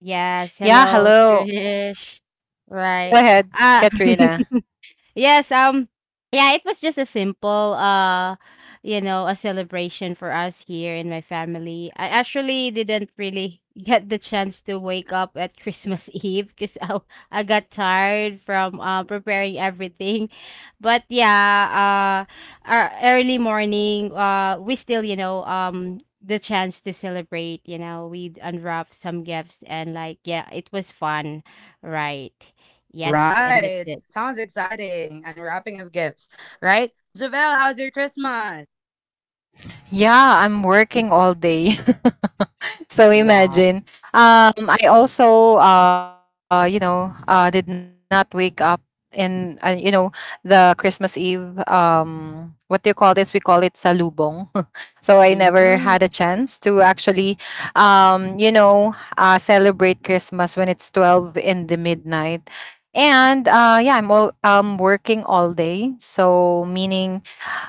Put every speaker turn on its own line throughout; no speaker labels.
Yes,
Yeah,
hello,
hello.
Trish.
Go
Right.
ahead,
Ah.
Katrina.
Yes, yeah, it was just a simple you know, a celebration for us here in my family. I actually didn't really get the chance to wake up at Christmas Eve because I got tired from preparing everything. But yeah, our early morning we still, you know, the chance to celebrate, you know, we'd unwrap some gifts and like yeah, it was fun, right? Yes, and that's it.
Yeah, I'm working all day. So imagine. I also, did not wake up in the Christmas Eve. What do you call this? We call it salubong. So I never
Mm.
had a chance to actually celebrate Christmas when it's 12 in the midnight. And yeah, I'm all working all day. So meaning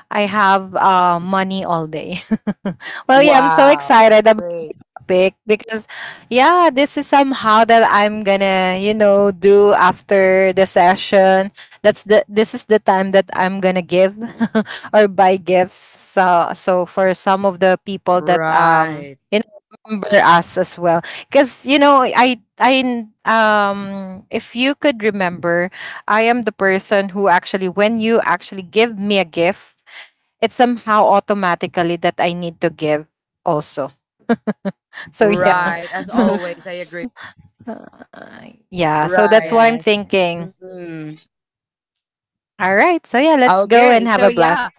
I have money all day. Well, yeah, I'm so excited about the topic because, yeah, this is somehow that I'm gonna, you know, do after the session. That's the This is the time that I'm gonna give or buy gifts. So for some of the people that you know remember us as well, because you know I if you could remember I am the person who actually, when you actually give me a gift, it's somehow automatically that I need to give also. So yeah.
Oh. Uh,
S- yeah, so
Right.
that's what I'm
Yeah.
thinking. All right. So yeah, let's go and have a blast.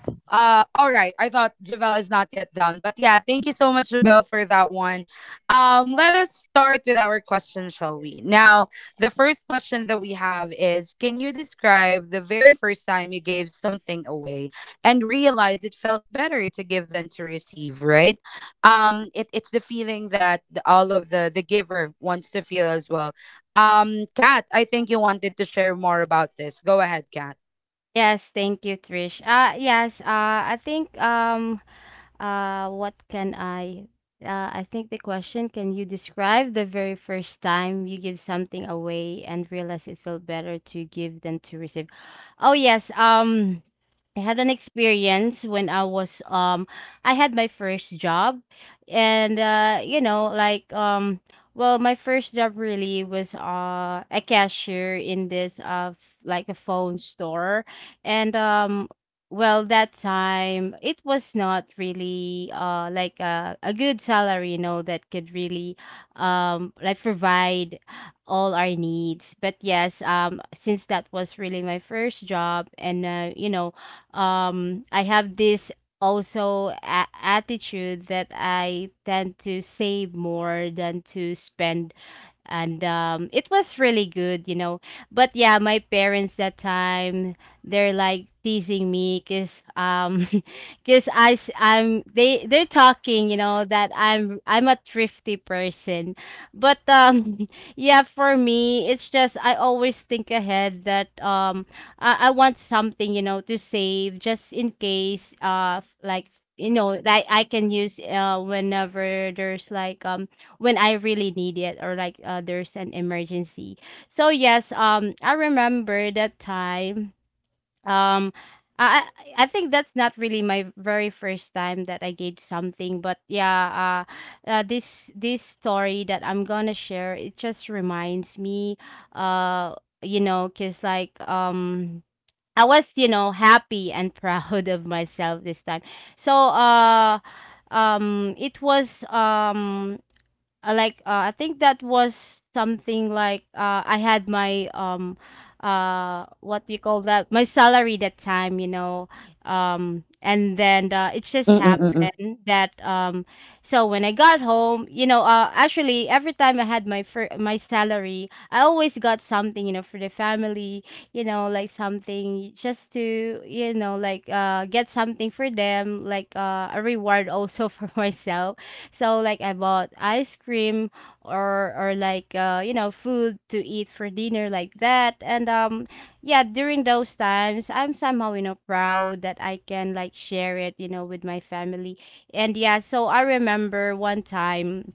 Yes, thank you, Trish. Yes, I think what can I? I think the question, can you describe the very first time you give something away and realize it felt better to give than to receive? Oh yes, I had an experience when I was I had my first job and you know like well my first job really was a cashier in this like a phone store and well that time it was not really like a good salary you know that could really like provide all our needs but yes since that was really my first job and you know I have this also attitude that I tend to save more than to spend and it was really good, you know. But yeah, my parents that time they're like teasing me because because I s- I'm they're talking, you know, that I'm a thrifty person, but yeah, for me it's just I always think ahead that I want something you know to save just in case like you know that I can use whenever there's like when I really need it or like there's an emergency. So yes, I remember that time. Um, I I I think that's not really my very first time that I gave something, but yeah, this story that I'm gonna share it just reminds me, uh, you know, cause like I was, you know, happy and proud of myself this time. So, it was like I think that was something like I had my what do you call that my salary that time you know and then it just happened that so when I got home you know actually every time I had my my salary I always got something you know for the family, you know like something just to you know like get something for them like a reward also for myself, so like I bought ice cream or like you know food to eat for dinner like that and yeah during those times I'm somehow you know proud that I can like share it you know with my family and yeah so I remember one time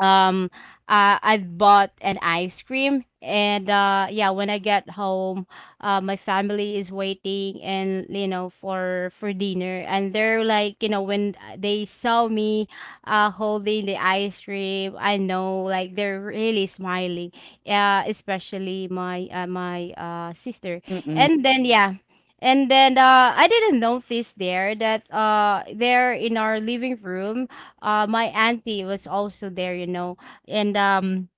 um I've bought an ice cream and yeah when I get home my family is waiting and you know for dinner and they're like you know when they saw me holding the ice cream I know like they're really smiling, yeah especially my my sister. And then yeah, and then I didn't notice there that there in our living room my auntie was also there, you know, and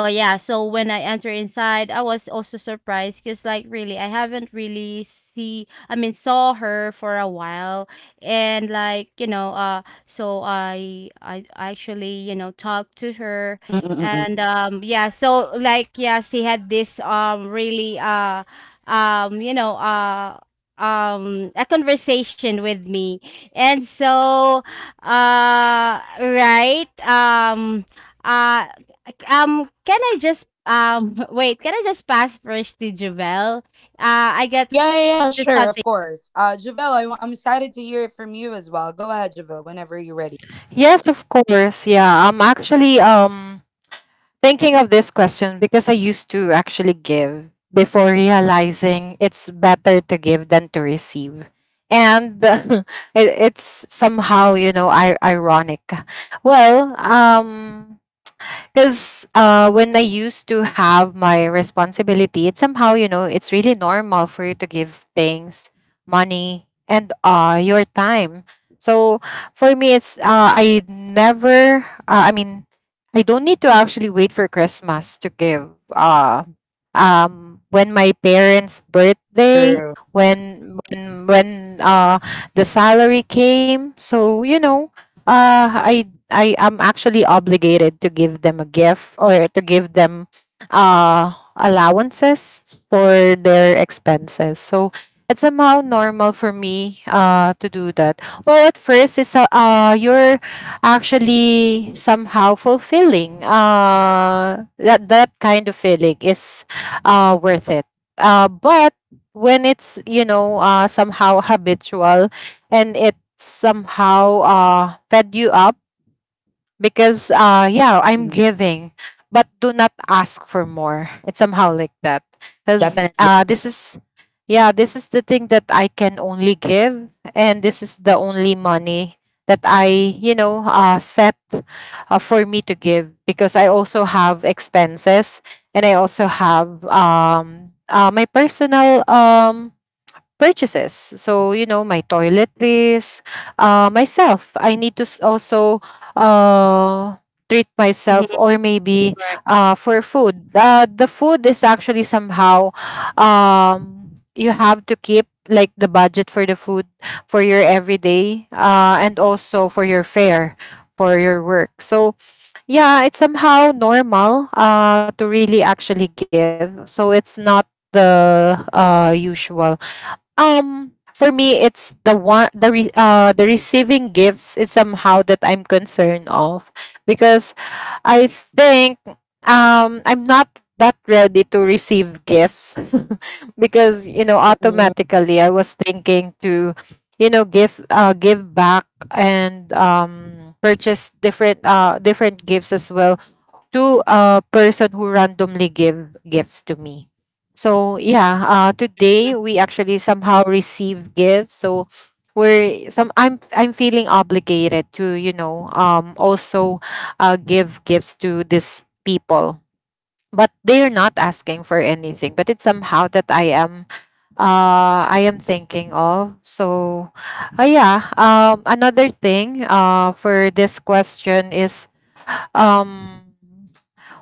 oh yeah, so when I enter inside, I was also surprised because like really I haven't really see I mean saw her for a while and like, you know, so I actually, you know, talked to her and yeah, so like yeah, she had this really you know, a conversation with me. And so uh right uh can I just wait, can I just pass first to Jobel? I got just something.
Yes, of course. Yeah, I'm actually thinking of this question because I used to actually give before realizing it's better to give than to receive. And it's somehow, you know, ironic. Well, because when I used to have my responsibility, it's somehow you know it's really normal for you to give things, money, and your time. So for me, it's I never. I mean, I don't need to actually wait for Christmas to give. When my parents' birthday, when uh, the salary came, so you know, uh, I I am actually obligated to give them a gift or to give them allowances for their expenses. So it's somehow normal for me to do that. Well, at first it's you're actually somehow fulfilling that kind of feeling is worth it. But when it's you know somehow habitual and it somehow fed you up because yeah I'm giving but do not ask for more, it's somehow like that because this is the thing that I can only give, and this is the only money that I set for me to give because I also have expenses and I also have my personal purchases. So, you know, my toiletries, myself. I need to also uh, treat
Mhm.
myself or maybe
Right,
for food. The food is actually somehow you have to keep like the budget for the food for your everyday and also for your fare for your work. So, yeah, it's somehow normal to really actually give. So, it's not the usual. For me, it's the one the re, the receiving gifts is somehow that I'm concerned of because I think I'm not that ready to receive gifts. Because you know automatically I was thinking to you know give give back and purchase different gifts as well to a person who randomly give gifts to me. So yeah, today we actually somehow receive gifts. So we're some I'm feeling obligated to you know also give gifts to these people, but they are not asking for anything. But it's somehow that I am thinking of. So yeah, another thing for this question is um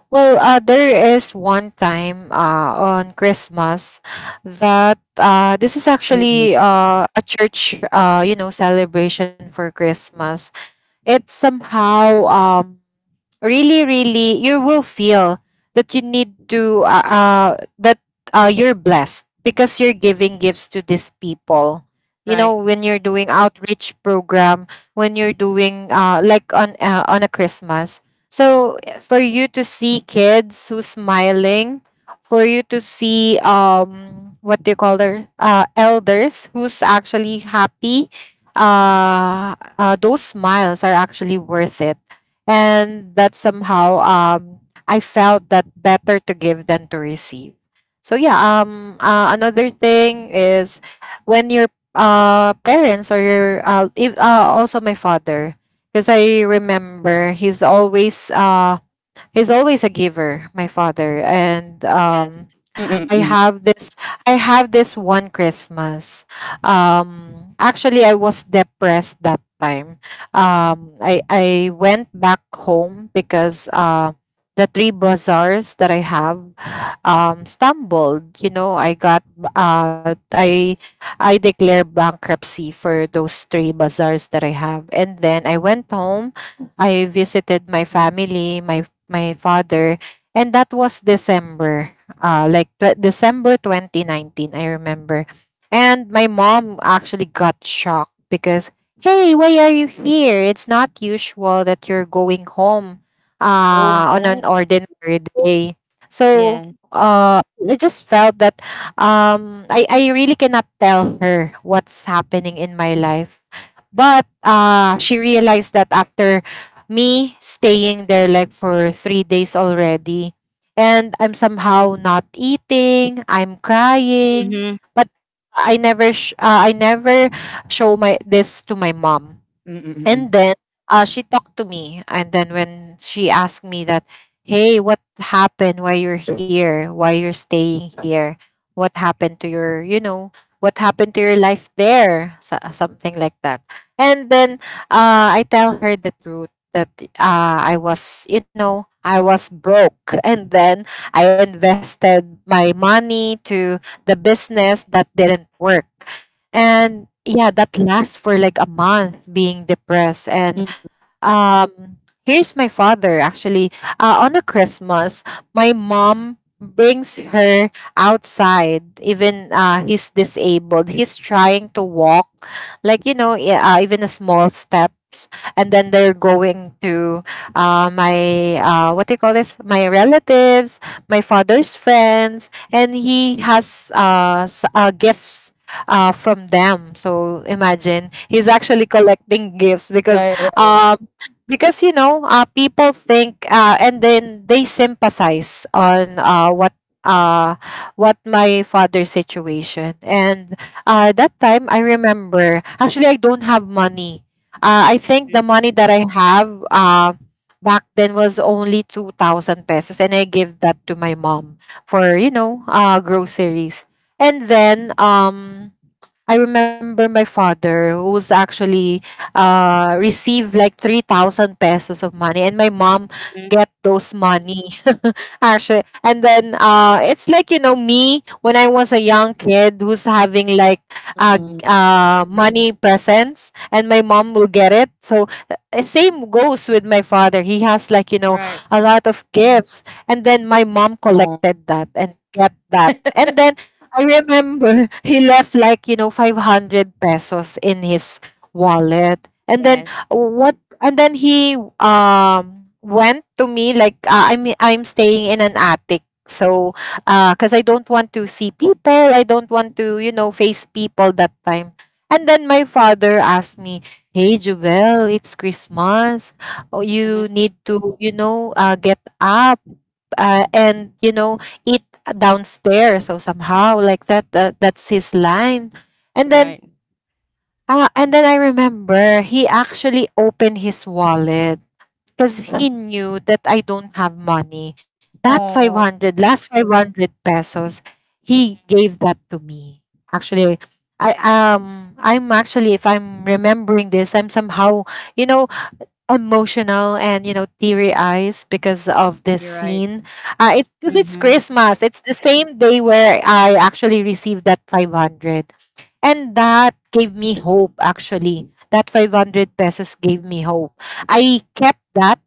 well, there is one time on Christmas that this is actually a church, you know, celebration for Christmas. It's somehow really you will feel that you need to that you're blessed because you're giving gifts to these people, you know,
right.
when you're doing outreach program, when you're doing like on a Christmas. So for you to see kids who's smiling, for you to see what do you call their elders who's actually happy, those smiles are actually worth it, and that somehow I felt that better to give than to receive. So yeah, another thing is when your parents or your if, also my father, because I remember he's always a giver, my father. And
Yes.
I have this I have this one Christmas. Actually I was depressed that time. I went back home because the three bazaars that I have stumbled, you know, I got uh I I declared bankruptcy for those three bazaars that I have. And then I went home, I visited my family, my father, and that was December 2019, I remember. And my mom actually got shocked because, hey, why are you here? It's not usual that you're going home on an ordinary day. So
Yeah.
I just felt that I really cannot tell her what's happening in my life. But she realized that after me staying there like for 3 days already and I'm somehow not eating, I'm crying,
Mm-hmm.
but I never show my this to my mom. And then she talked to me. And then when she asked me that, hey, what happened? Why you're here? Why you're staying here? What happened to your, you know, what happened to your life there? So, something like that. And then I tell her the truth that I was, you know, I was broke. And then I invested my money to the business that didn't work. And yeah, that lasts for like a month being depressed. And um here's my father actually on a Christmas, my mom brings her outside, even he's disabled, he's trying to walk, like you know, even a small steps, and then they're going to my what do you call this, my relatives, my father's friends, and he has gifts from them. So imagine he's actually collecting gifts um, because you know people think and then they sympathize on uh, what my father's situation. And that time I remember actually I don't have money. I think the money that I have back then was only 2,000 pesos, and I give that to my mom for you know groceries. And then I remember my father who's actually received like 3000 pesos of money, and my mom
Hmm.
get those money actually. And then it's like you know me when I was a young kid who's having like money presents and my mom will get it. So same goes with my father, he has like you know
Right.
a lot of gifts, and then my mom collected that and kept that. And then I remember he left like, you know, 500 pesos in his wallet.
Yes.
And then he went to me like I mean I'm staying in an attic. So cuz I don't want to see people, I don't want to, you know, face people that time. And then my father asked me, "Hey, Jubel, it's Christmas. Oh, you
Mm-hmm.
need to, you know, get up and, you know, eat downstairs," so somehow like that, that's his line. And
You're
then
right.
ah, and then I remember he actually opened his wallet because he knew that I don't have money. That 500, last 500 pesos, he
Mhm.
gave that to me actually. I'm actually, if I'm remembering this, I'm somehow, you know, emotional and you know teary eyes because of this
You're right.
scene. It Because it's
Mm-hmm.
Christmas, it's the same day where I actually received that 500, and that gave me hope actually. That 500 pesos gave me hope. I kept that.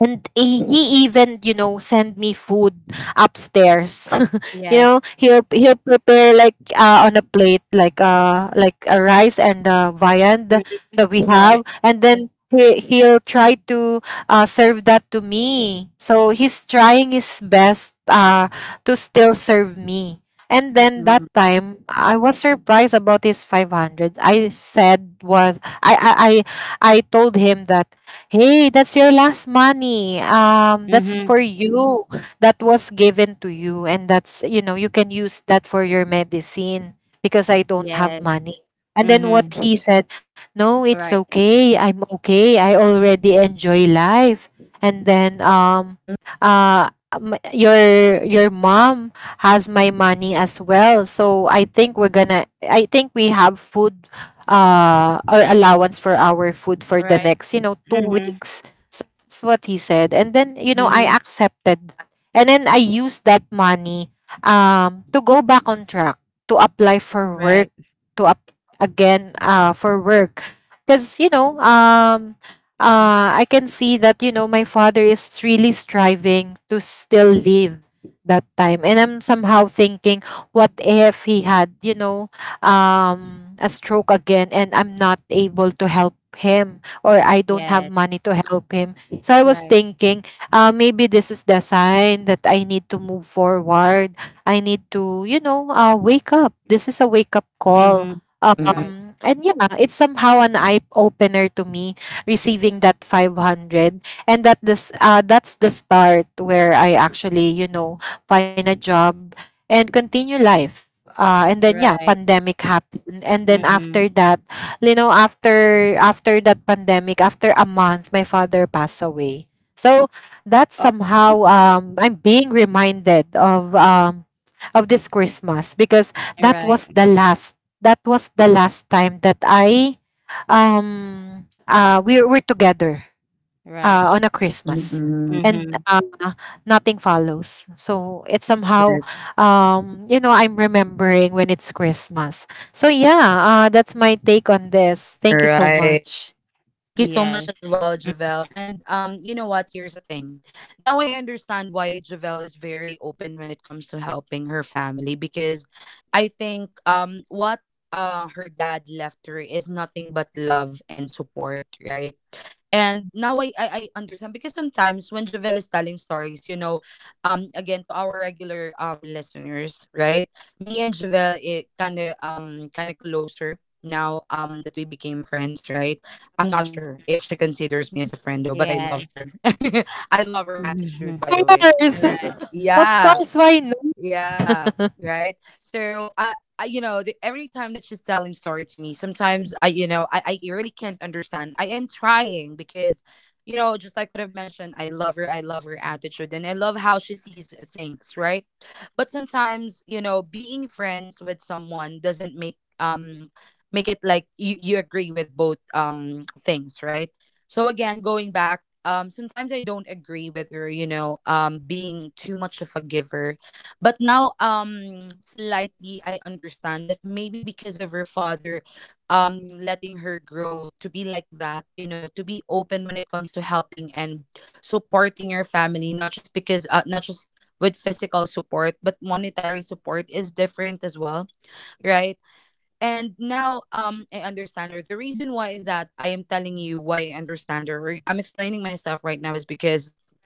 And he even, you know, send me food upstairs. You
Yes.
know, he'll prepare like on a plate like a rice and viand
Mhm.
that we have,
Right.
and then he'll try to serve that to me. So he's trying his best to still serve me. And then that time, I was surprised about his 500. I said was I told him that, hey, that's your last money. That's
Mm-hmm.
for you. That was given to you, and that's you know you can use that for your medicine because I don't have
Yes.
money. And then what
Mm-hmm.
he said, no, it's
Right.
okay. I'm okay. I already enjoy life. And then your mom has my money as well. So I think we're gonna. I think we have food our allowance for our food for the
Right.
next, you know, two
Mm-hmm.
weeks. So that's what he said. And then, you know, I
Mm-hmm.
accepted that. And then I used that money to go back on track, to apply for work,
Right.
to up again for work. Because, you know, I can see that, you know, my father is really striving to still live that time. And I'm somehow thinking, what if he had, you know, a stroke again and I'm not able to help him or I don't have
Yes.
money to help him. So I was
Right.
thinking, maybe this is the sign that I need to move forward. I need to, you know, wake up. This is a wake up call.
Mm-hmm. Right.
And yeah, it's somehow an eye opener to me receiving that 500, and that this that's the start where I actually, you know, find a job and continue life and then yeah,
Right.
pandemic happened. And then
Mm-hmm.
after that, you know, after that pandemic, after a month, my father passed away. So that somehow I'm being reminded of this Christmas because that was
Right.
the last that was the last time that I we were together
Right.
on a Christmas, and
Mm-hmm.
nothing follows. So it's somehow, you know, I'm remembering when it's Christmas. So yeah, that's my take on this. Thank you so much.
Yes. Mhm. Yes. Mhm.
Of course,
Right.
of course, why not?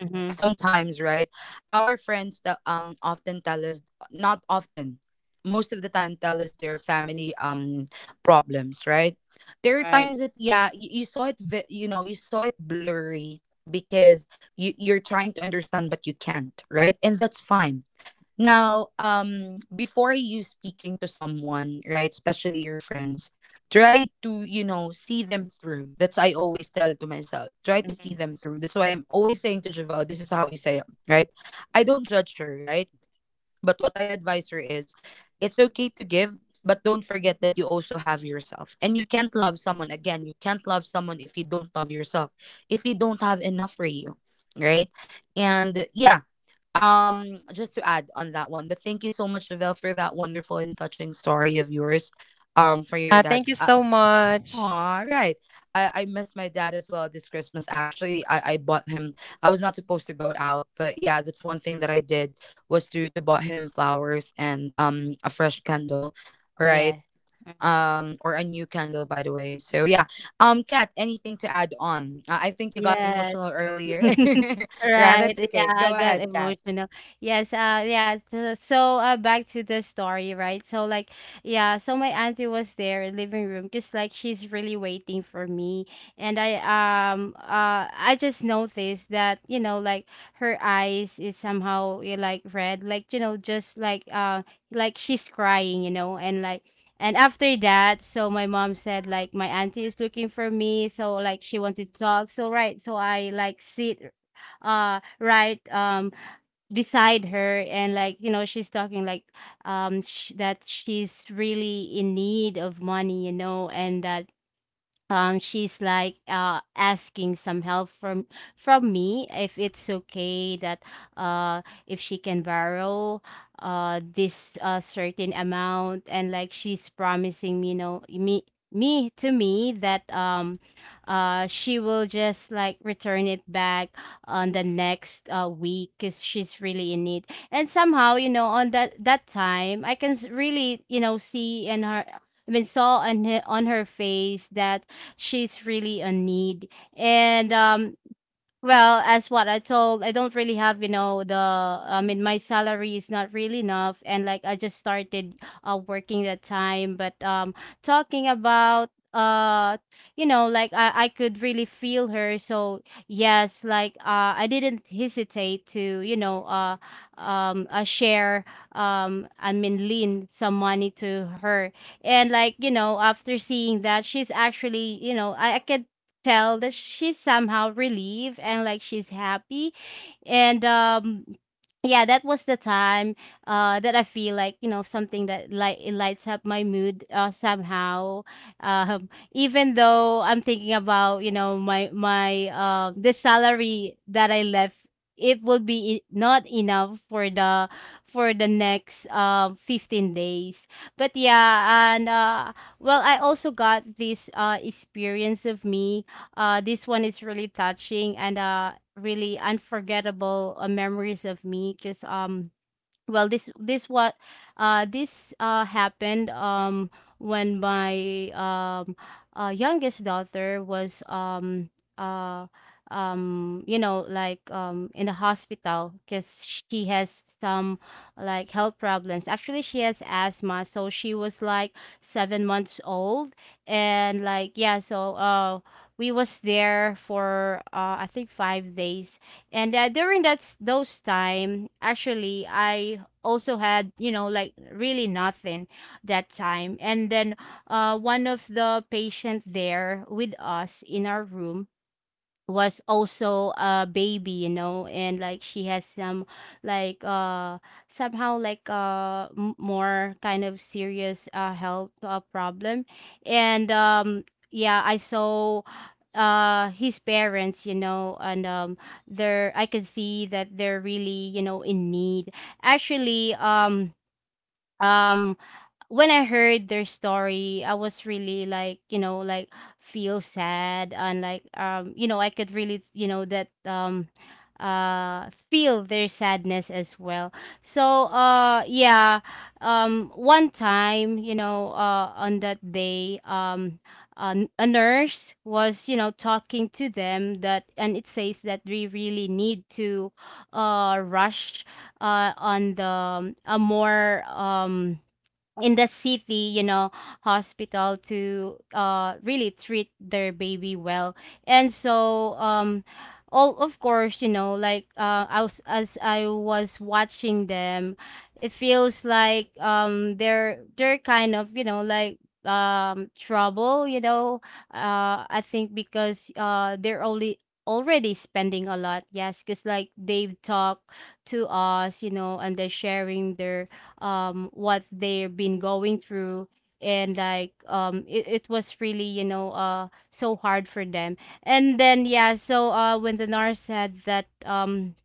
Mhm. Right. Mhm.
Thank you so much.
Yes. Mhm. Yes. Right. Yeah, I got emotional. Yes, yeah, so back to the story, right? So like yeah, so my auntie was there in living room just like she's really waiting for me and I just noticed that, you know, like her eyes is somehow you know, like red, like you know, just like she's crying, you know, and like and after that, so my mom said like my auntie is looking for me, so like she wanted to talk. So right, so I like sit right beside her and like you know she's talking like that she's really in need of money you know and that she's like asking some help from me if it's okay that if she can borrow this certain amount and like she's promising me you know me me to me that she will just like return it back on the next week because she's really in need and somehow you know on that time I can really you know see in her I mean, saw on her face that she's really a need. And well, as what I told, I don't really have, you know, my salary is not really enough. And like, I just started working that time. But talking about, you know, like I could really feel her. So yes, like I didn't hesitate to, you know, um, uh, share, lend some money to her. And like, you know, after seeing that, she's actually, you know, I could tell that she's somehow relieved and like she's happy. And yeah that was the time that I feel like you know something that like it lights up my mood somehow, even though I'm thinking about you know my my the salary that I left, it would be not enough for the next 15 days. But yeah, and well I also got this experience of me, this one is really touching and really unforgettable memories of me because well this what this happened when my youngest daughter was uh you know like in the hospital because she has some like health problems. Actually she has asthma, so she was like 7 months old. And like yeah so we was there for I think 5 days. And during those time actually I also had you know like really nothing that time. And then one of the patient there with us in our room was also a baby you know and like she has some like somehow like more kind of serious health problem. And yeah I saw his parents you know. And they're I could see that they're really you know in need actually. Um when I heard their story, I was really like, you know, like feel sad and like you know, I could really, you know, that feel their sadness as well. So yeah, one time, you know, on that day, a nurse was, you know, talking to them that and it says that we really need to rush on the a more in the city, you know, hospital to really treat their baby well. And so all of course, you know, like I was, as I was watching them, it feels like they're kind of, you know, like trouble, you know. I think because they're only already spending a lot, yes because like they've talked to us you know and they're sharing their what they've been going through. And like it was really you know so hard for them. And then yeah so when the nurse said that um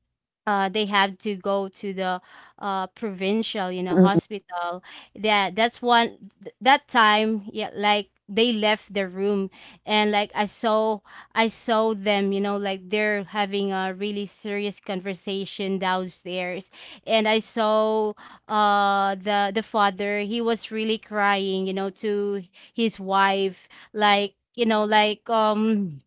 uh, they have to go to the provincial you
Mm,
know
mm,
hospital, that that's one th- that time yeah like they left the room. And like I saw I saw them you know like they're having a really serious conversation downstairs. And I saw the father he was really crying you know to his wife like you know like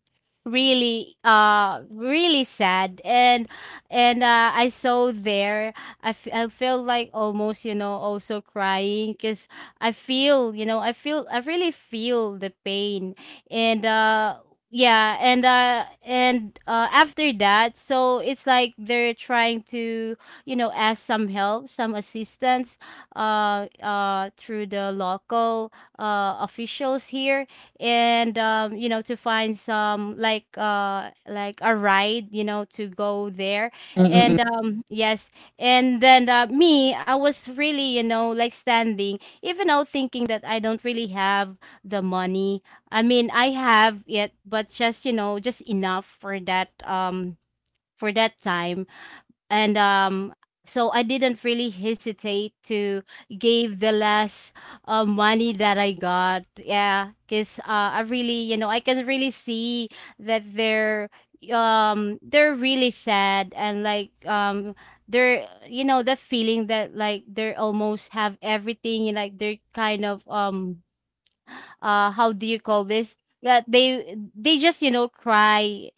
really really sad. And I saw there. I feel like almost also crying, because I feel you know I feel I really feel the pain. And yeah, and after that, so it's like they're trying to, ask some help, some assistance, through the local, officials here, and to find some, like, like a ride, to go there. And yes, and then, me, I was really, like standing, even though thinking that I don't really have the money. I mean, I have it, but just, just enough for that, for that time. And so I didn't really hesitate to give the less, money that I got. Yeah, because, I really, I can really see that they're, really sad, and like, they're, that feeling that, like, they're almost have everything, and like they're kind of, how do you call this, that they just, cry.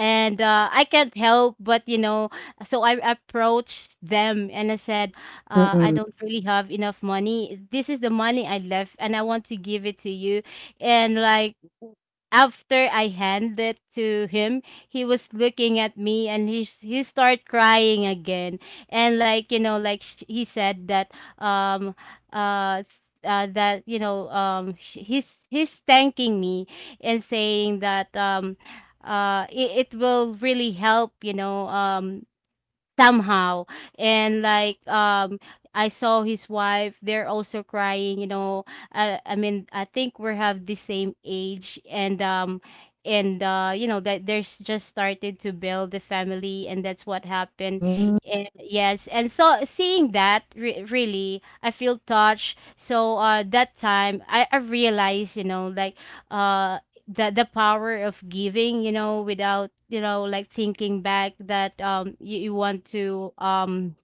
And I can't help but, so I approached them and I said, I
mm.
don't really have enough money. This is the money I left and I want to give it to you. and like w- After I handed it to him, he was looking at me, and he started crying again. And, like, he said that, um uh that, he's thanking me, and saying that, it will really help, somehow. And, like, I saw his wife, they're also crying, I mean, I think we have the same age, and, that there's just started to build the family, and that's what happened.
Hmm.
And yes, and so, seeing that, really, I feel touched. So, that time, I realized, uh the power of giving, without, like thinking back that, you want to,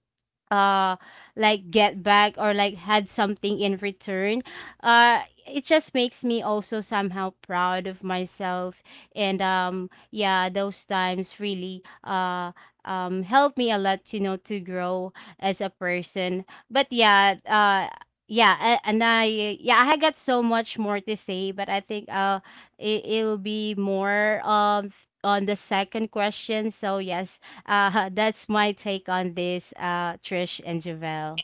uh like get back, or like had something in return. uh it just makes me also somehow proud of myself. And yeah, those times really, helped me a lot, to grow as a person. But yeah, yeah, a- and I yeah I got so much more to say, but I think, it will be more, on the second question. So yes, that's my take on this, Trish and Javel.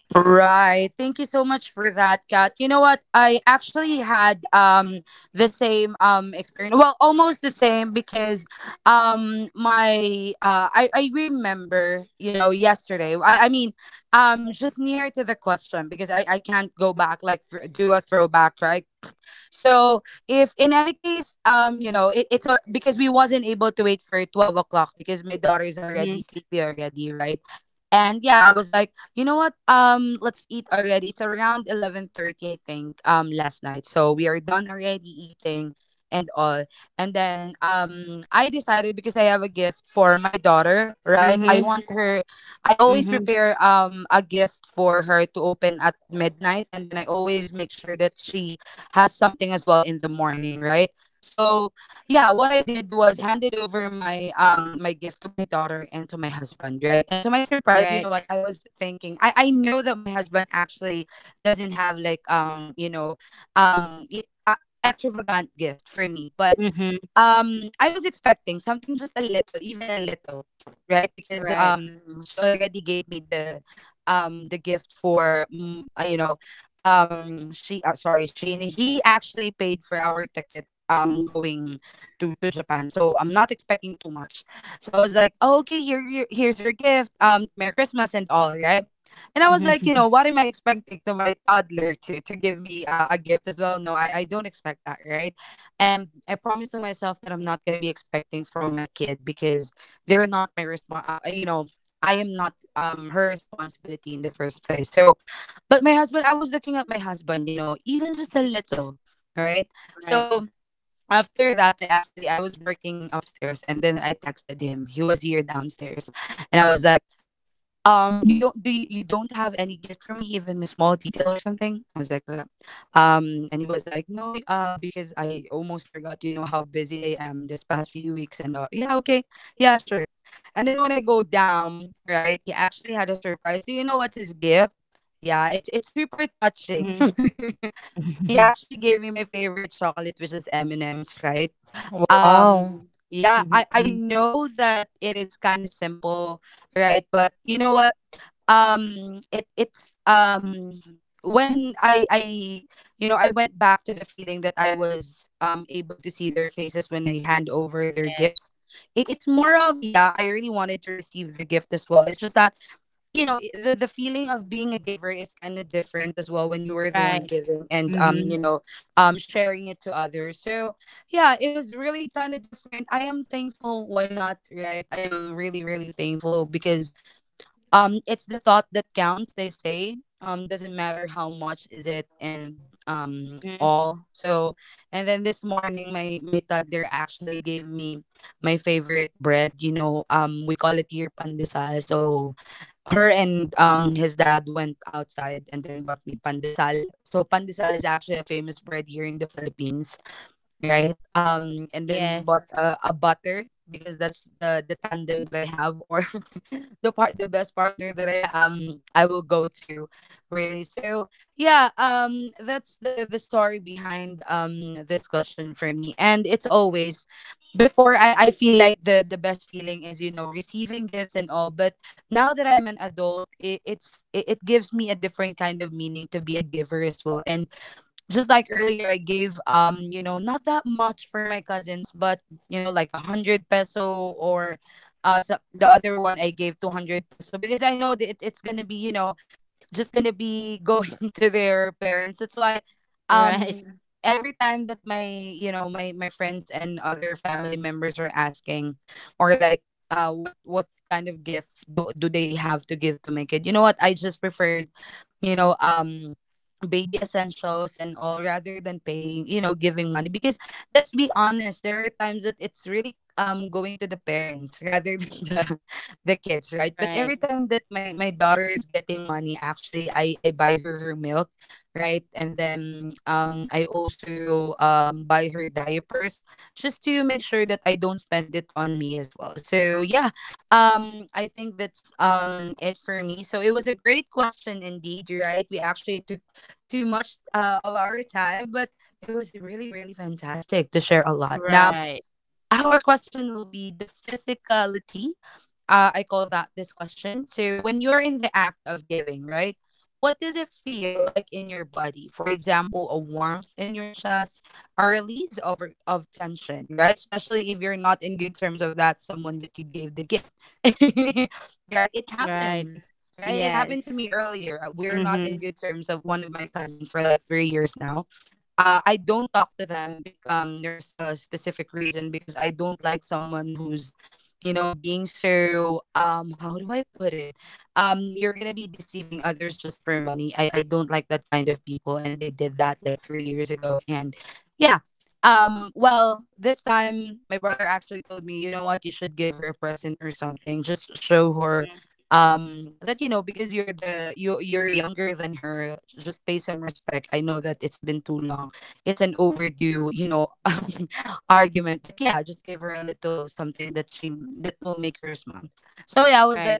Mhm. Mhm. Mhm. Right. Mhm. Right. Mhm. Right. Mhm.
Wow.
Mhm. Yes. Right. Mhm. Mhm. Yes. Right. Right, right, right. Yes. Mhm, mm, right.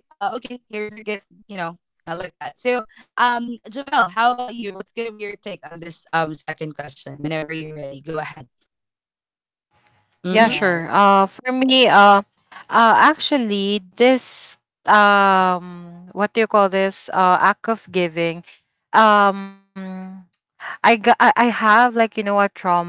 Yeah,
Yes,
sure. For me, actually, this what do you call this? Act of giving. Um, I got, I have, like, you know, a trauma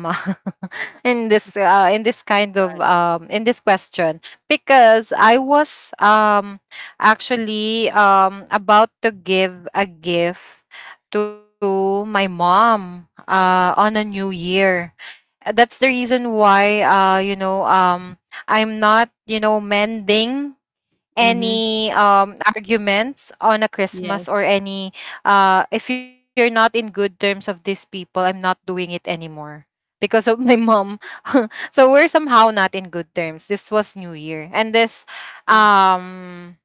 in this kind of
right.
in this question because I was actually about to give a gift to my mom on a new year. That's the reason why you know I'm not you know mending
Mhm.
any arguments on a
Yes,
Christmas or any if you're not in good terms of these people, I'm not doing it anymore because of my mom. So we're somehow not in good terms. This was New Year. And this
mm,
um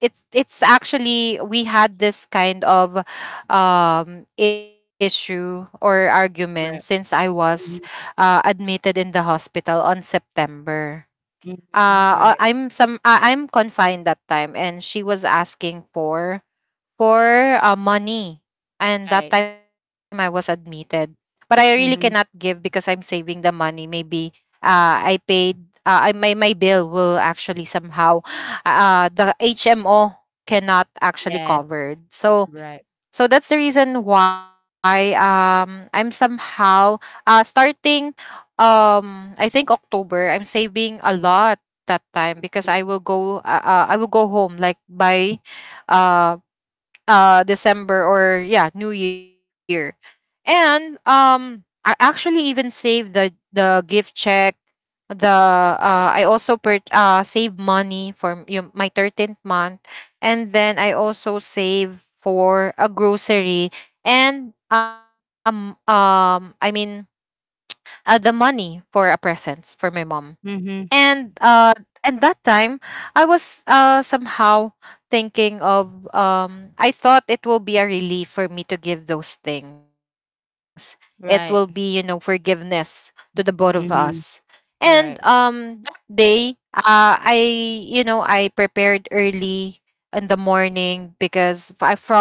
it's actually we had this kind of issue or argument since
right.
I was
Mhm,
admitted in the hospital on September
mhm, right,
I'm some I'm confined that time and she was asking for for money. And
right.
that time I was admitted, but I really cannot give
Mhm.
because I'm saving the money maybe I paid. I, my bill will actually somehow the HMO cannot actually
Yes,
covered. So
right.
so that's the reason why I'm somehow starting I think October I'm saving a lot that time because
Mm,
I will go home like by uh December or yeah New Year. And I actually even saved the gift check, the I also per save money for yung, my 13th month, and then I also save for a grocery. And I mean the money for a presents for my mom.
mhm,
And at that time I was somehow thinking of I thought it will be a relief for me to give those things. It will be, you know,
right.
forgiveness to the both of us.
Mhm,
And
right.
that day I, you know, I prepared early in the morning because from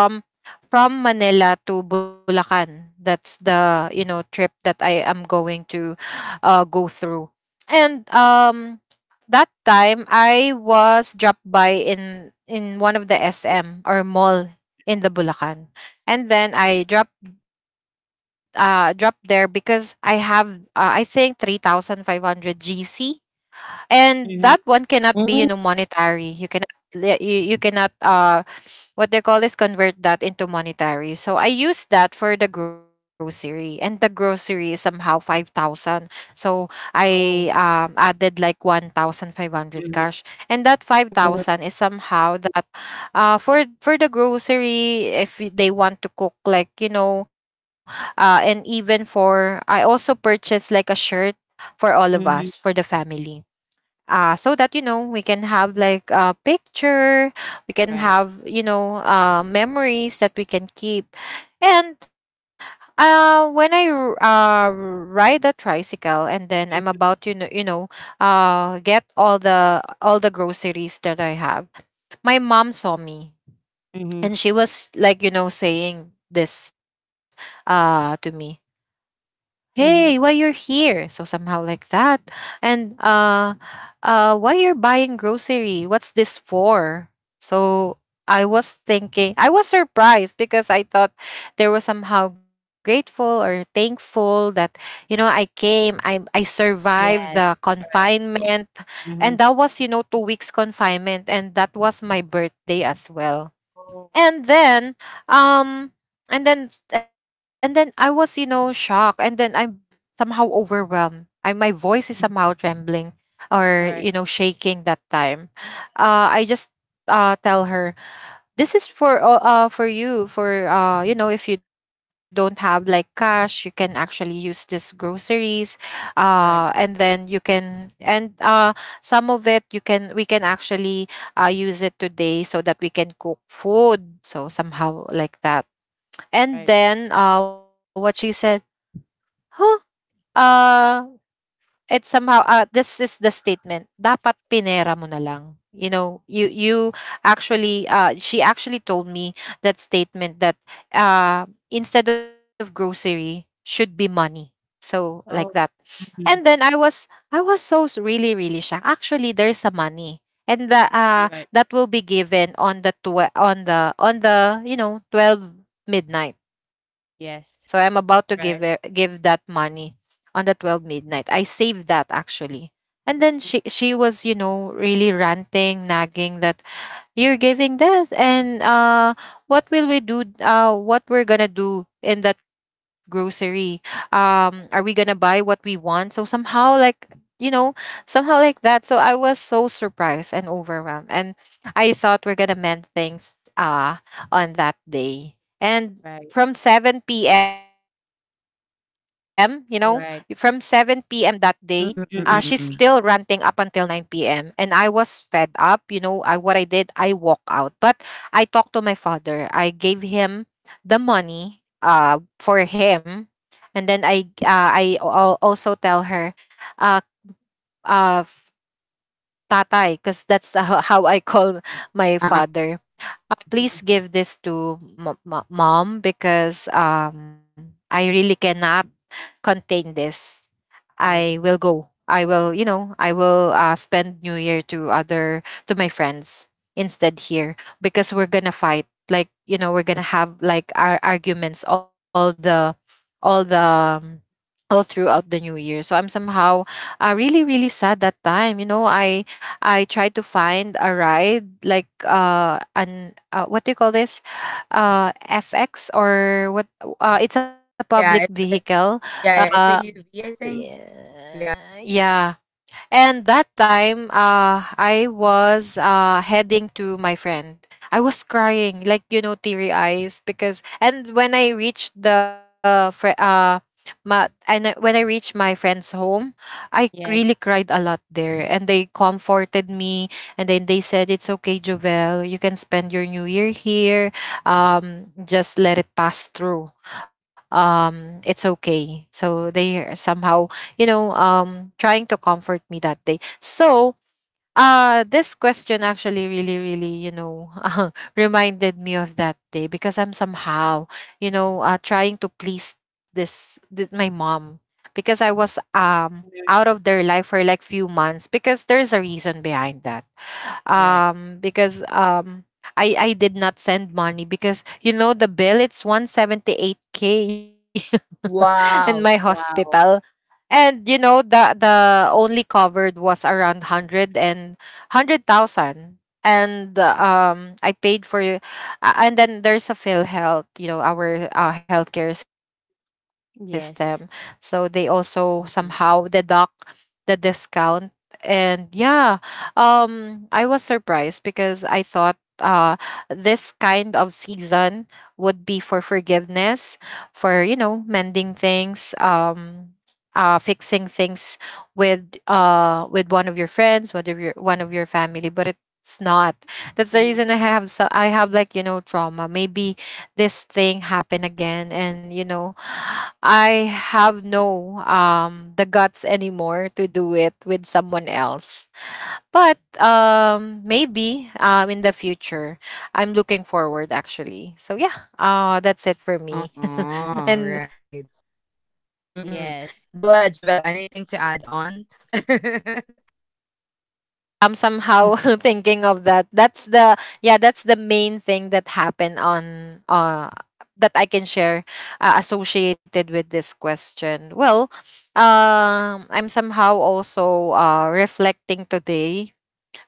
Manila to Bulacan. That's the, you
Mm,
know, trip that I am going to go through. And that time I was dropped by in one of the SM or mall in the Bulacan. And then I dropped dropped there because I have I think 3500 GC, and that one
mhm.
cannot be, you know,
Hmm,
monetary. You cannot you, you cannot what they call is convert that into monetary. So I use that for the grocery, and the grocery is somehow 5,000. So I
Oh,
added like 1,500
yeah. Mhm,
cash, and that five
mm.
thousand
Mm.
is somehow that for the grocery if they want to cook like, you know, and even for I also purchased like a shirt for all of us
mhm,
for the family so that you know we can have like a picture, we can
right.
have, you know, memories that we can keep. And when I ride a tricycle and then I'm
Mm,
about to, you know, you know, get all the groceries that I have, my mom saw me,
mhm,
and she was like, you know, saying this to me, hey why
mhm.
you're here so somehow like that. And why you're buying grocery, what's this for? So I was thinking, I was surprised because I thought they were somehow grateful or thankful that you know I came, I survived the
Yes, right.
confinement. And
Mhm.
that was, you know, 2 weeks confinement, and that was my birthday as well.
Oh,
And then um and then I was, you know, shocked. And then I'm somehow overwhelmed, I, my voice is somehow
mhm.
trembling or, you
Right,
know, shaking that time. I just tell her, this is for you, for you know, if you don't have like cash you can actually use this groceries
right,
and then you can. And some of it you can we can actually use it today so that we can cook food, so somehow like that.
right.
And then what she said, huh, uh it's somehow, this is the statement, dapat pinera mo na lang. You know, you actually she actually told me that statement that instead of grocery should be money. So like that.
Oh,
And then
mhm.
I was, I was so really really shocked. Actually, there's a money, and the
Right.
that will be given on the on the on the you know 12 midnight. So I'm
Yes,
about to give her
right.
give that money on the 12 midnight. I saved that actually. And then she was, you know, really ranting, nagging that you're giving this and what will we do, what we're gonna do in that grocery, are we gonna
Mhm,
buy what we want, so somehow like you know somehow like that. So I was so surprised and overwhelmed, and I thought we're gonna mend things on that day. And
right.
from 7 p.m. you know from 7 p.m. that
Right.
day, she's still ranting up
Mhm,
until 9 p.m. And I was fed up. You know, I, what I did, I walk out. But I talked to my father. I gave him the money for him. And then I also tell her, uh, uh, f- tatay, because that's how I call my father.
mhm,
Please give this to mom because I really cannot contain this.
right.
I will go. I will, you know, I will spend New Year to other, to my friends instead here because we're gonna fight. Like, you know, we're gonna have like our arguments, all the all the um, all throughout the new year. So I'm somehow really really sad that time. You know, I tried to find a ride like an what do you call this? FX or what, it's a public vehicle. Uh yeah, yeah. And that time, I was heading to my friend. I was crying, like, you know, teary eyes because. And when I reached the my, and when I reached my friend's home, I really
Yes.
cried a lot there, and they comforted me, and then they said, "It's okay, Jovel. You can spend your New Year here. Just let it pass through. It's okay." So they somehow, you know, trying to comfort me that day. So, this question actually really, really, you know, reminded me of that day because I'm somehow, you know, trying to please this, this my mom because I was out
Mhm.
of their life for like few months because there's a reason behind that.
Right.
Because. I did not send money because, you know, the bill it's 178K in my hospital,
Wow.
and you know the only covered was around hundred and hundred thousand. And I paid for, and then there's a Phil Health, you know, our healthcare system. So they
Yes.
also somehow deduct the discount. And yeah, I was surprised because I thought this kind of season would be for forgiveness, for, you know, mending things. Fixing things with with one of your friends, one of your, one of your family, but it's not. That's the
Mhm.
reason I have, so I have like you know trauma. Maybe this thing happened again, and you know, I have no the guts anymore to do it with someone else. But maybe in the future, I'm looking forward actually. So yeah, that's it for me. And
Yes.
I'm somehow thinking of that. That's the, yeah, that's the main thing that happened on that I can share associated with this question. Well, I'm somehow also reflecting today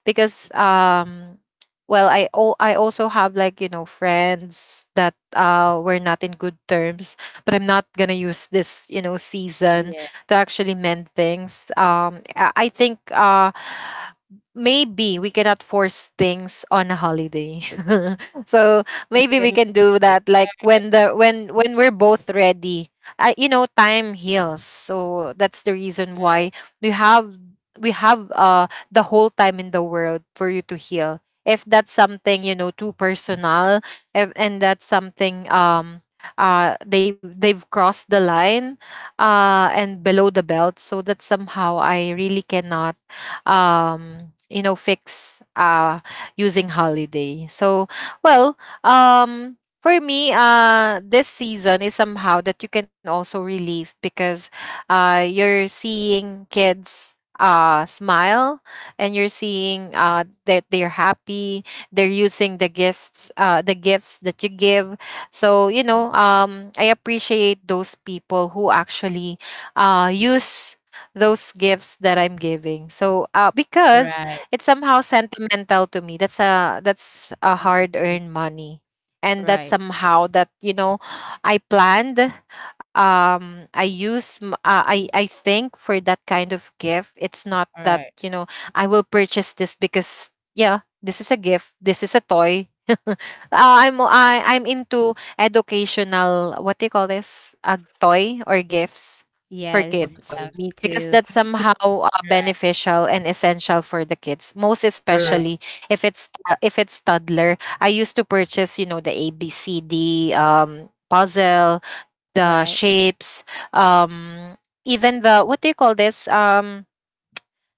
because well I I also have like you know friends that were not in good terms, but I'm not going to use this, you know, season
Yeah.
to actually mend things. I think maybe we cannot force things on a holiday. So maybe we
Mhm.
can do that like when the when we're both ready. I, you know, time heals, so that's the reason
Right.
why we have, we have uh the whole time in the world for you to heal if that's something you know too personal. If, and that's something they, they've crossed the line and below the belt, so that somehow I really cannot you know fix using holiday. So well, for me this season is somehow that you can also relieve because you're seeing kids smile, and you're seeing that they're happy, they're using the gifts, the gifts that you give. So you know I appreciate those people who actually use those gifts that I'm giving. So because
Right.
it's somehow sentimental to me, that's a, that's a hard earned money, and that's
Right.
somehow that, you know, I planned. I use i
Mhm.
i think for that kind of gift, it's not that
Right.
you know I will purchase this because yeah, this is a gift. This is a toy. I'm I, I'm into educational, what do you call this? A toy or gifts for
Yes.
kids
Yeah, me
because
too.
that's somehow
Right.
beneficial and essential for the kids. Most especially if it's toddler. I used to purchase, you know, the ABCD puzzle, the
Right.
shapes, um even the what do you call this,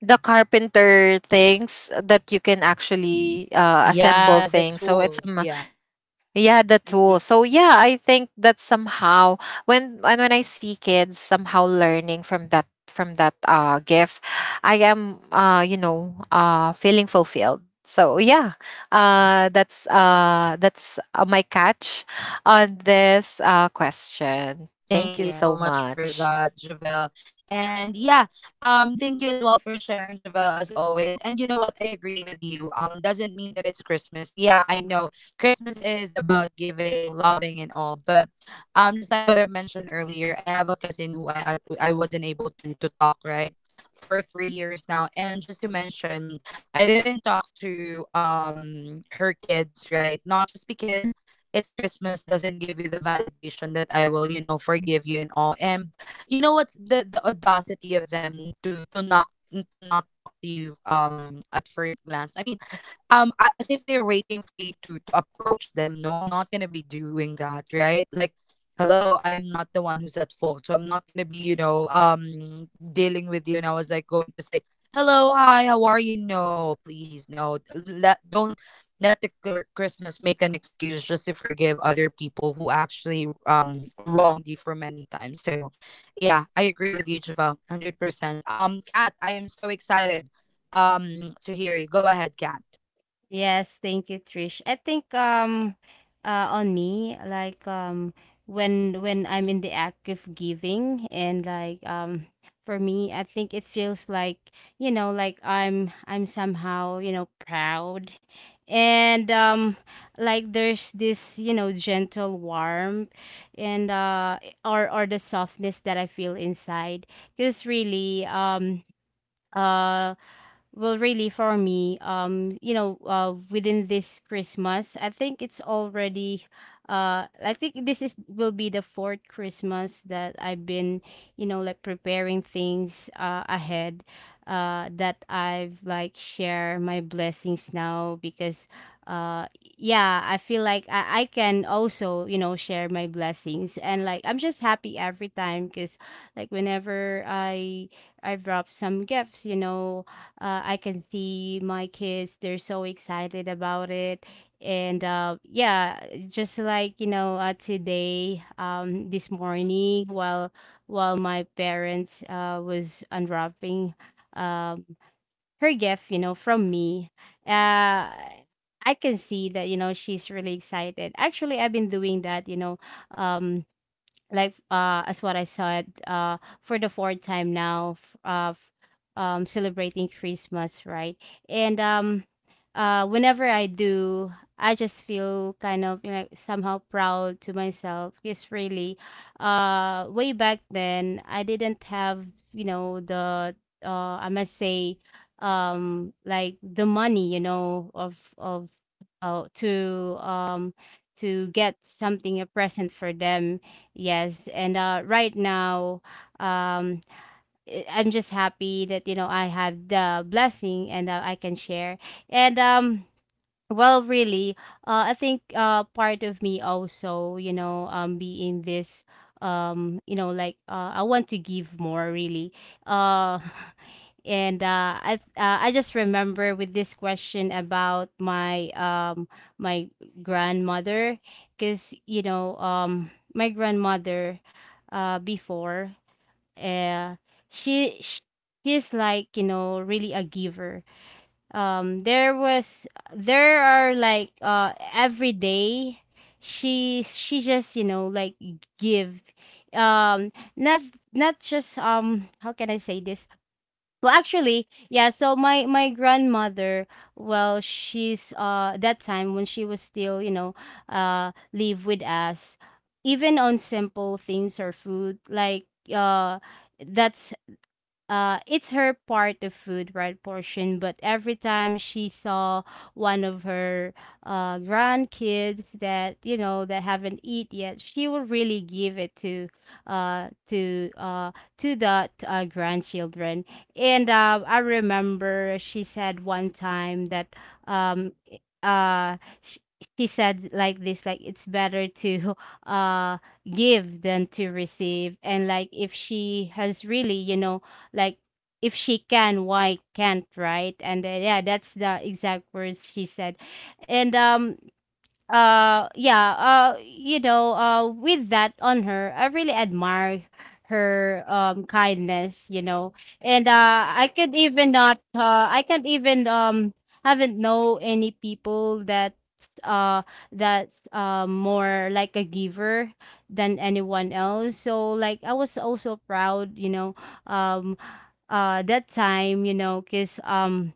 the carpenter things that you can actually assemble things, so it's yeah the tool.
Mhm.
So yeah, I think that somehow when I see kids somehow learning from that, from that gift, I am you know feeling fulfilled. So yeah, that's my catch on this question. Thank you so
Right.
much.
Yes, thank you, Trish. I think, on me, like, when I'm in the act of giving, and, like, for me, I think it feels like, like, I'm somehow, proud. And like, there's this, gentle warmth, and or the softness that I feel inside. Because really, uh well, really, for me, within this Christmas, I think it's already, I think this is will be the fourth Christmas that I've been, like, preparing things, ahead, that I've like share my blessings now, because, uh, yeah, I feel like I can also, share my blessings, and, like, I'm just happy every time, because, like, whenever I drop some gifts, I can see my kids, they're so excited about it. And yeah, just like, today, this morning, while my parents, was unwrapping, um, her gift, from me, uh, I can see that, she's really excited. Actually, I've been doing that, um, like, as what I said, for the fourth time now, of, celebrating Christmas, right? And whenever I do, I just feel kind of, somehow proud to myself, because really, way back then, I didn't have, the, I must say, like, the money, of uh, to um to get something a present for them. Yes, and, right now, um, I'm just happy that, I have the blessing, and, I can share. And well, really, I think, part of me also, being this, like, I want to give more, really. Uh, and I just remember with this question about my, my grandmother, because, my grandmother, before, uh she sh- she's, like, really a giver. There was, there are like, every day, she just, like, give, not, just, how can I say this? Well, actually, yeah, so my grandmother, well, she's, that time when she was still, live with us, even on simple things or food, like, uh that's it's her part of food, right, portion. But every time she saw one of her, grandkids that, that haven't eat yet, she will really give it, to uh to uh grandchildren. And I remember she said one time that, um i- uh she, she said like this, like, it's better to uh give than to receive. And, like, if she has really, like, if she can, why can't, right? And yeah, that's the exact words she said. And yeah, with that on her, I really admire her, kindness, And I can't even, haven't know any people that, uh that's, more like a giver than anyone else. So, like, I was also proud, um that time, because,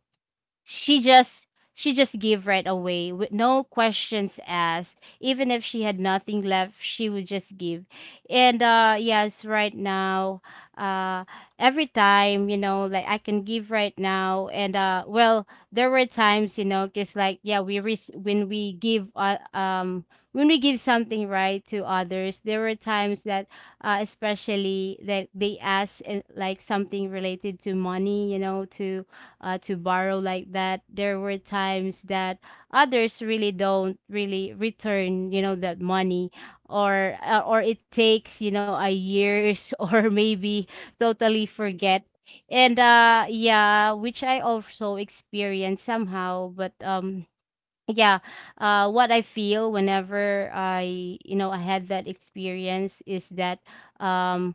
she just she just gave right away with no questions asked. Even if she had nothing left, she would just give. And yes, right now, uh every time, like, I can give right now. And well, there were times, because, like, yeah, when we give, when we give something, right, to others. There were times that, especially that they ask, like, something related to money, to, to borrow, like that. There were times that others really don't really return, that money, or, or it takes, a years or maybe totally forget. And yeah, which I also experienced somehow, but, yeah, what I feel whenever I, I had that experience, is that, um,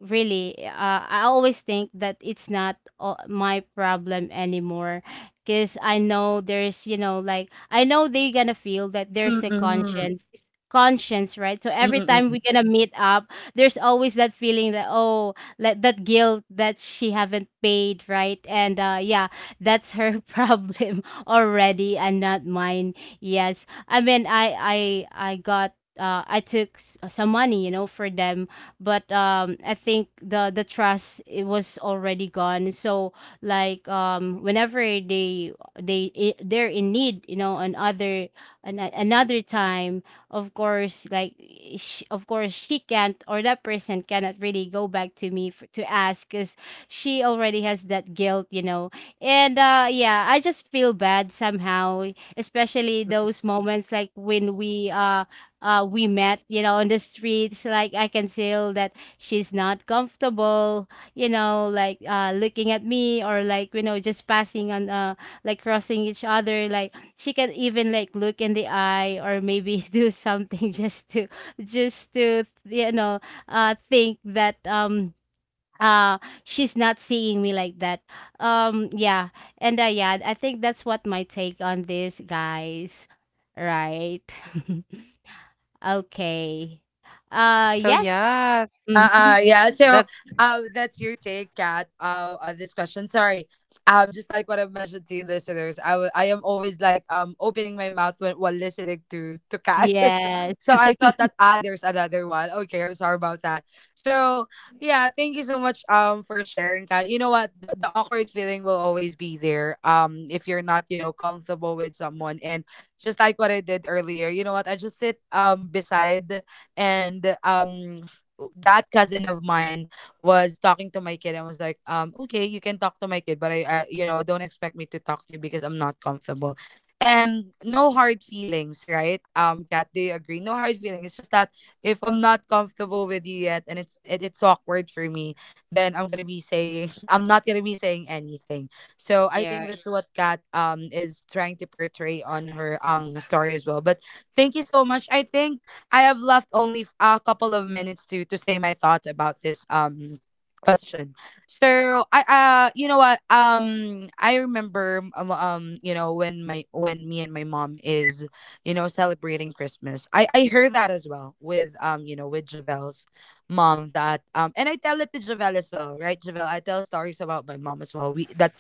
really, I always think that it's not, my problem anymore, because I know there's, I know, they're gonna feel that there's a, conscience, right? So every time we're gonna meet up, there's always that feeling that, oh, like, that guilt that she haven't paid, right? And yeah, that's her problem already, and not mine. Yes, I mean, I got, I took, some money, for them, but, I think the trust, it was already gone. So, like, whenever they're in need, another, another time, of course, like, sh of course she can't, or that person cannot really go back to me for, to ask, because she already has that guilt, and yeah, I just feel bad somehow, especially those moments, like when, we met, on the streets. Like I can feel that she's not comfortable, like, looking at me, or, like, just passing on, like, crossing each other. Like she can even, like, look in the eye, or maybe do something just to, just to you know, think that, uh she's not seeing me like that, yeah. And yeah, I think that's what my take on this, guys, right? Okay.
So
Yes.
yeah,
Mhm.
that's
Yes. Yeah.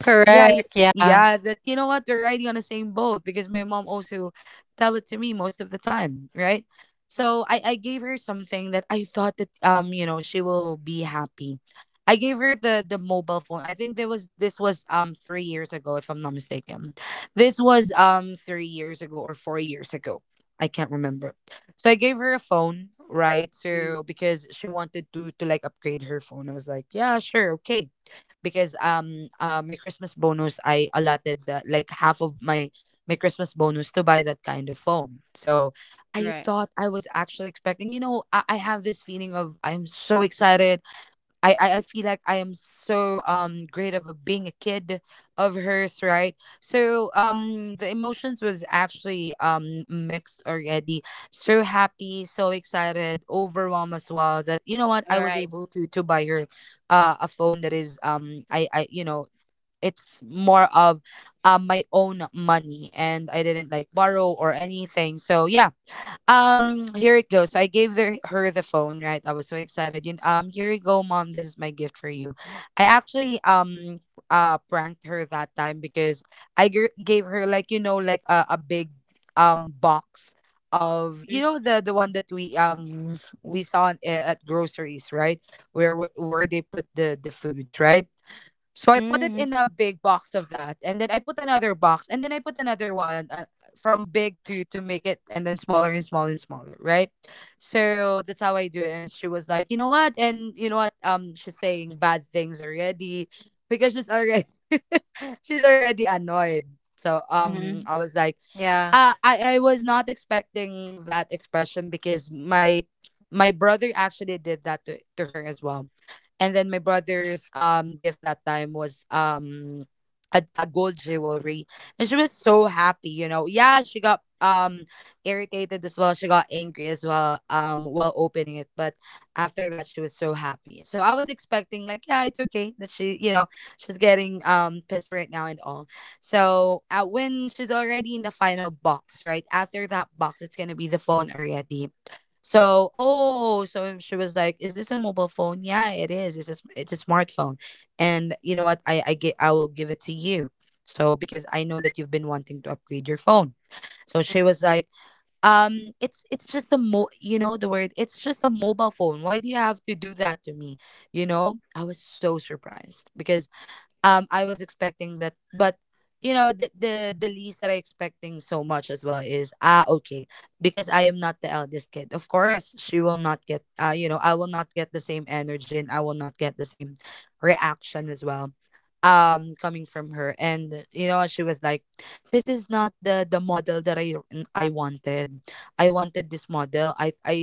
correct, yeah.
Mm, you're right. You're right. Mm, mhm. Mhm.
Yeah.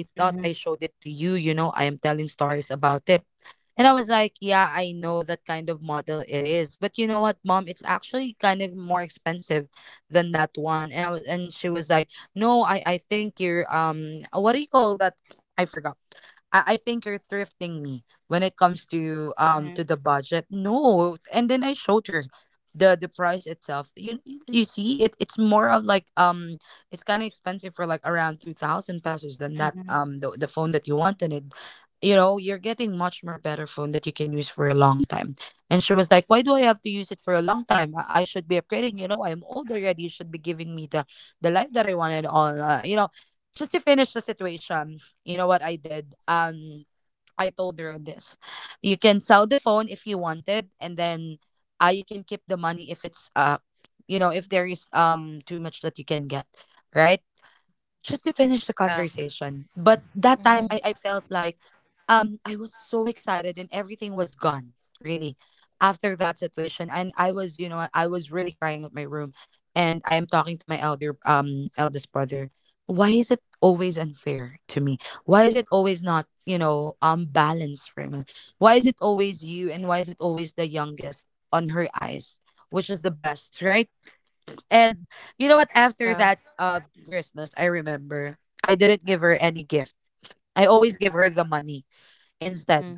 Mhm. Mhm, mhm.
Yeah. Hmm. Yeah.
Mhm.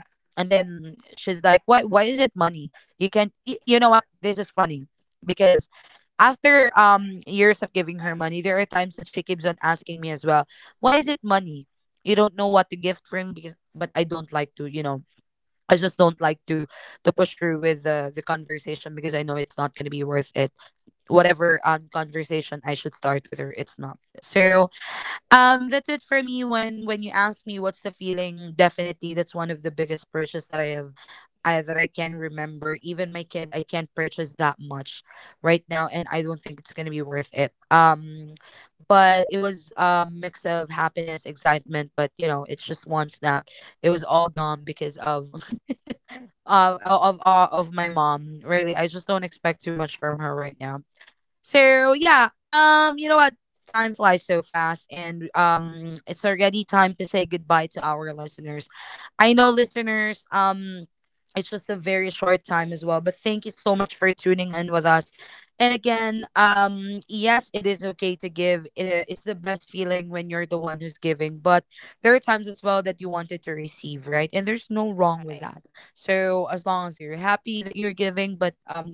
Right.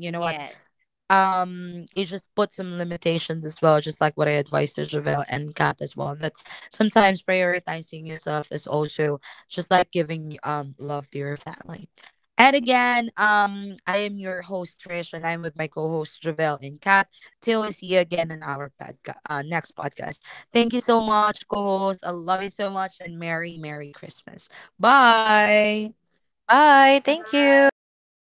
Yes.
Bye.
Bye.
Thank
Thank
you.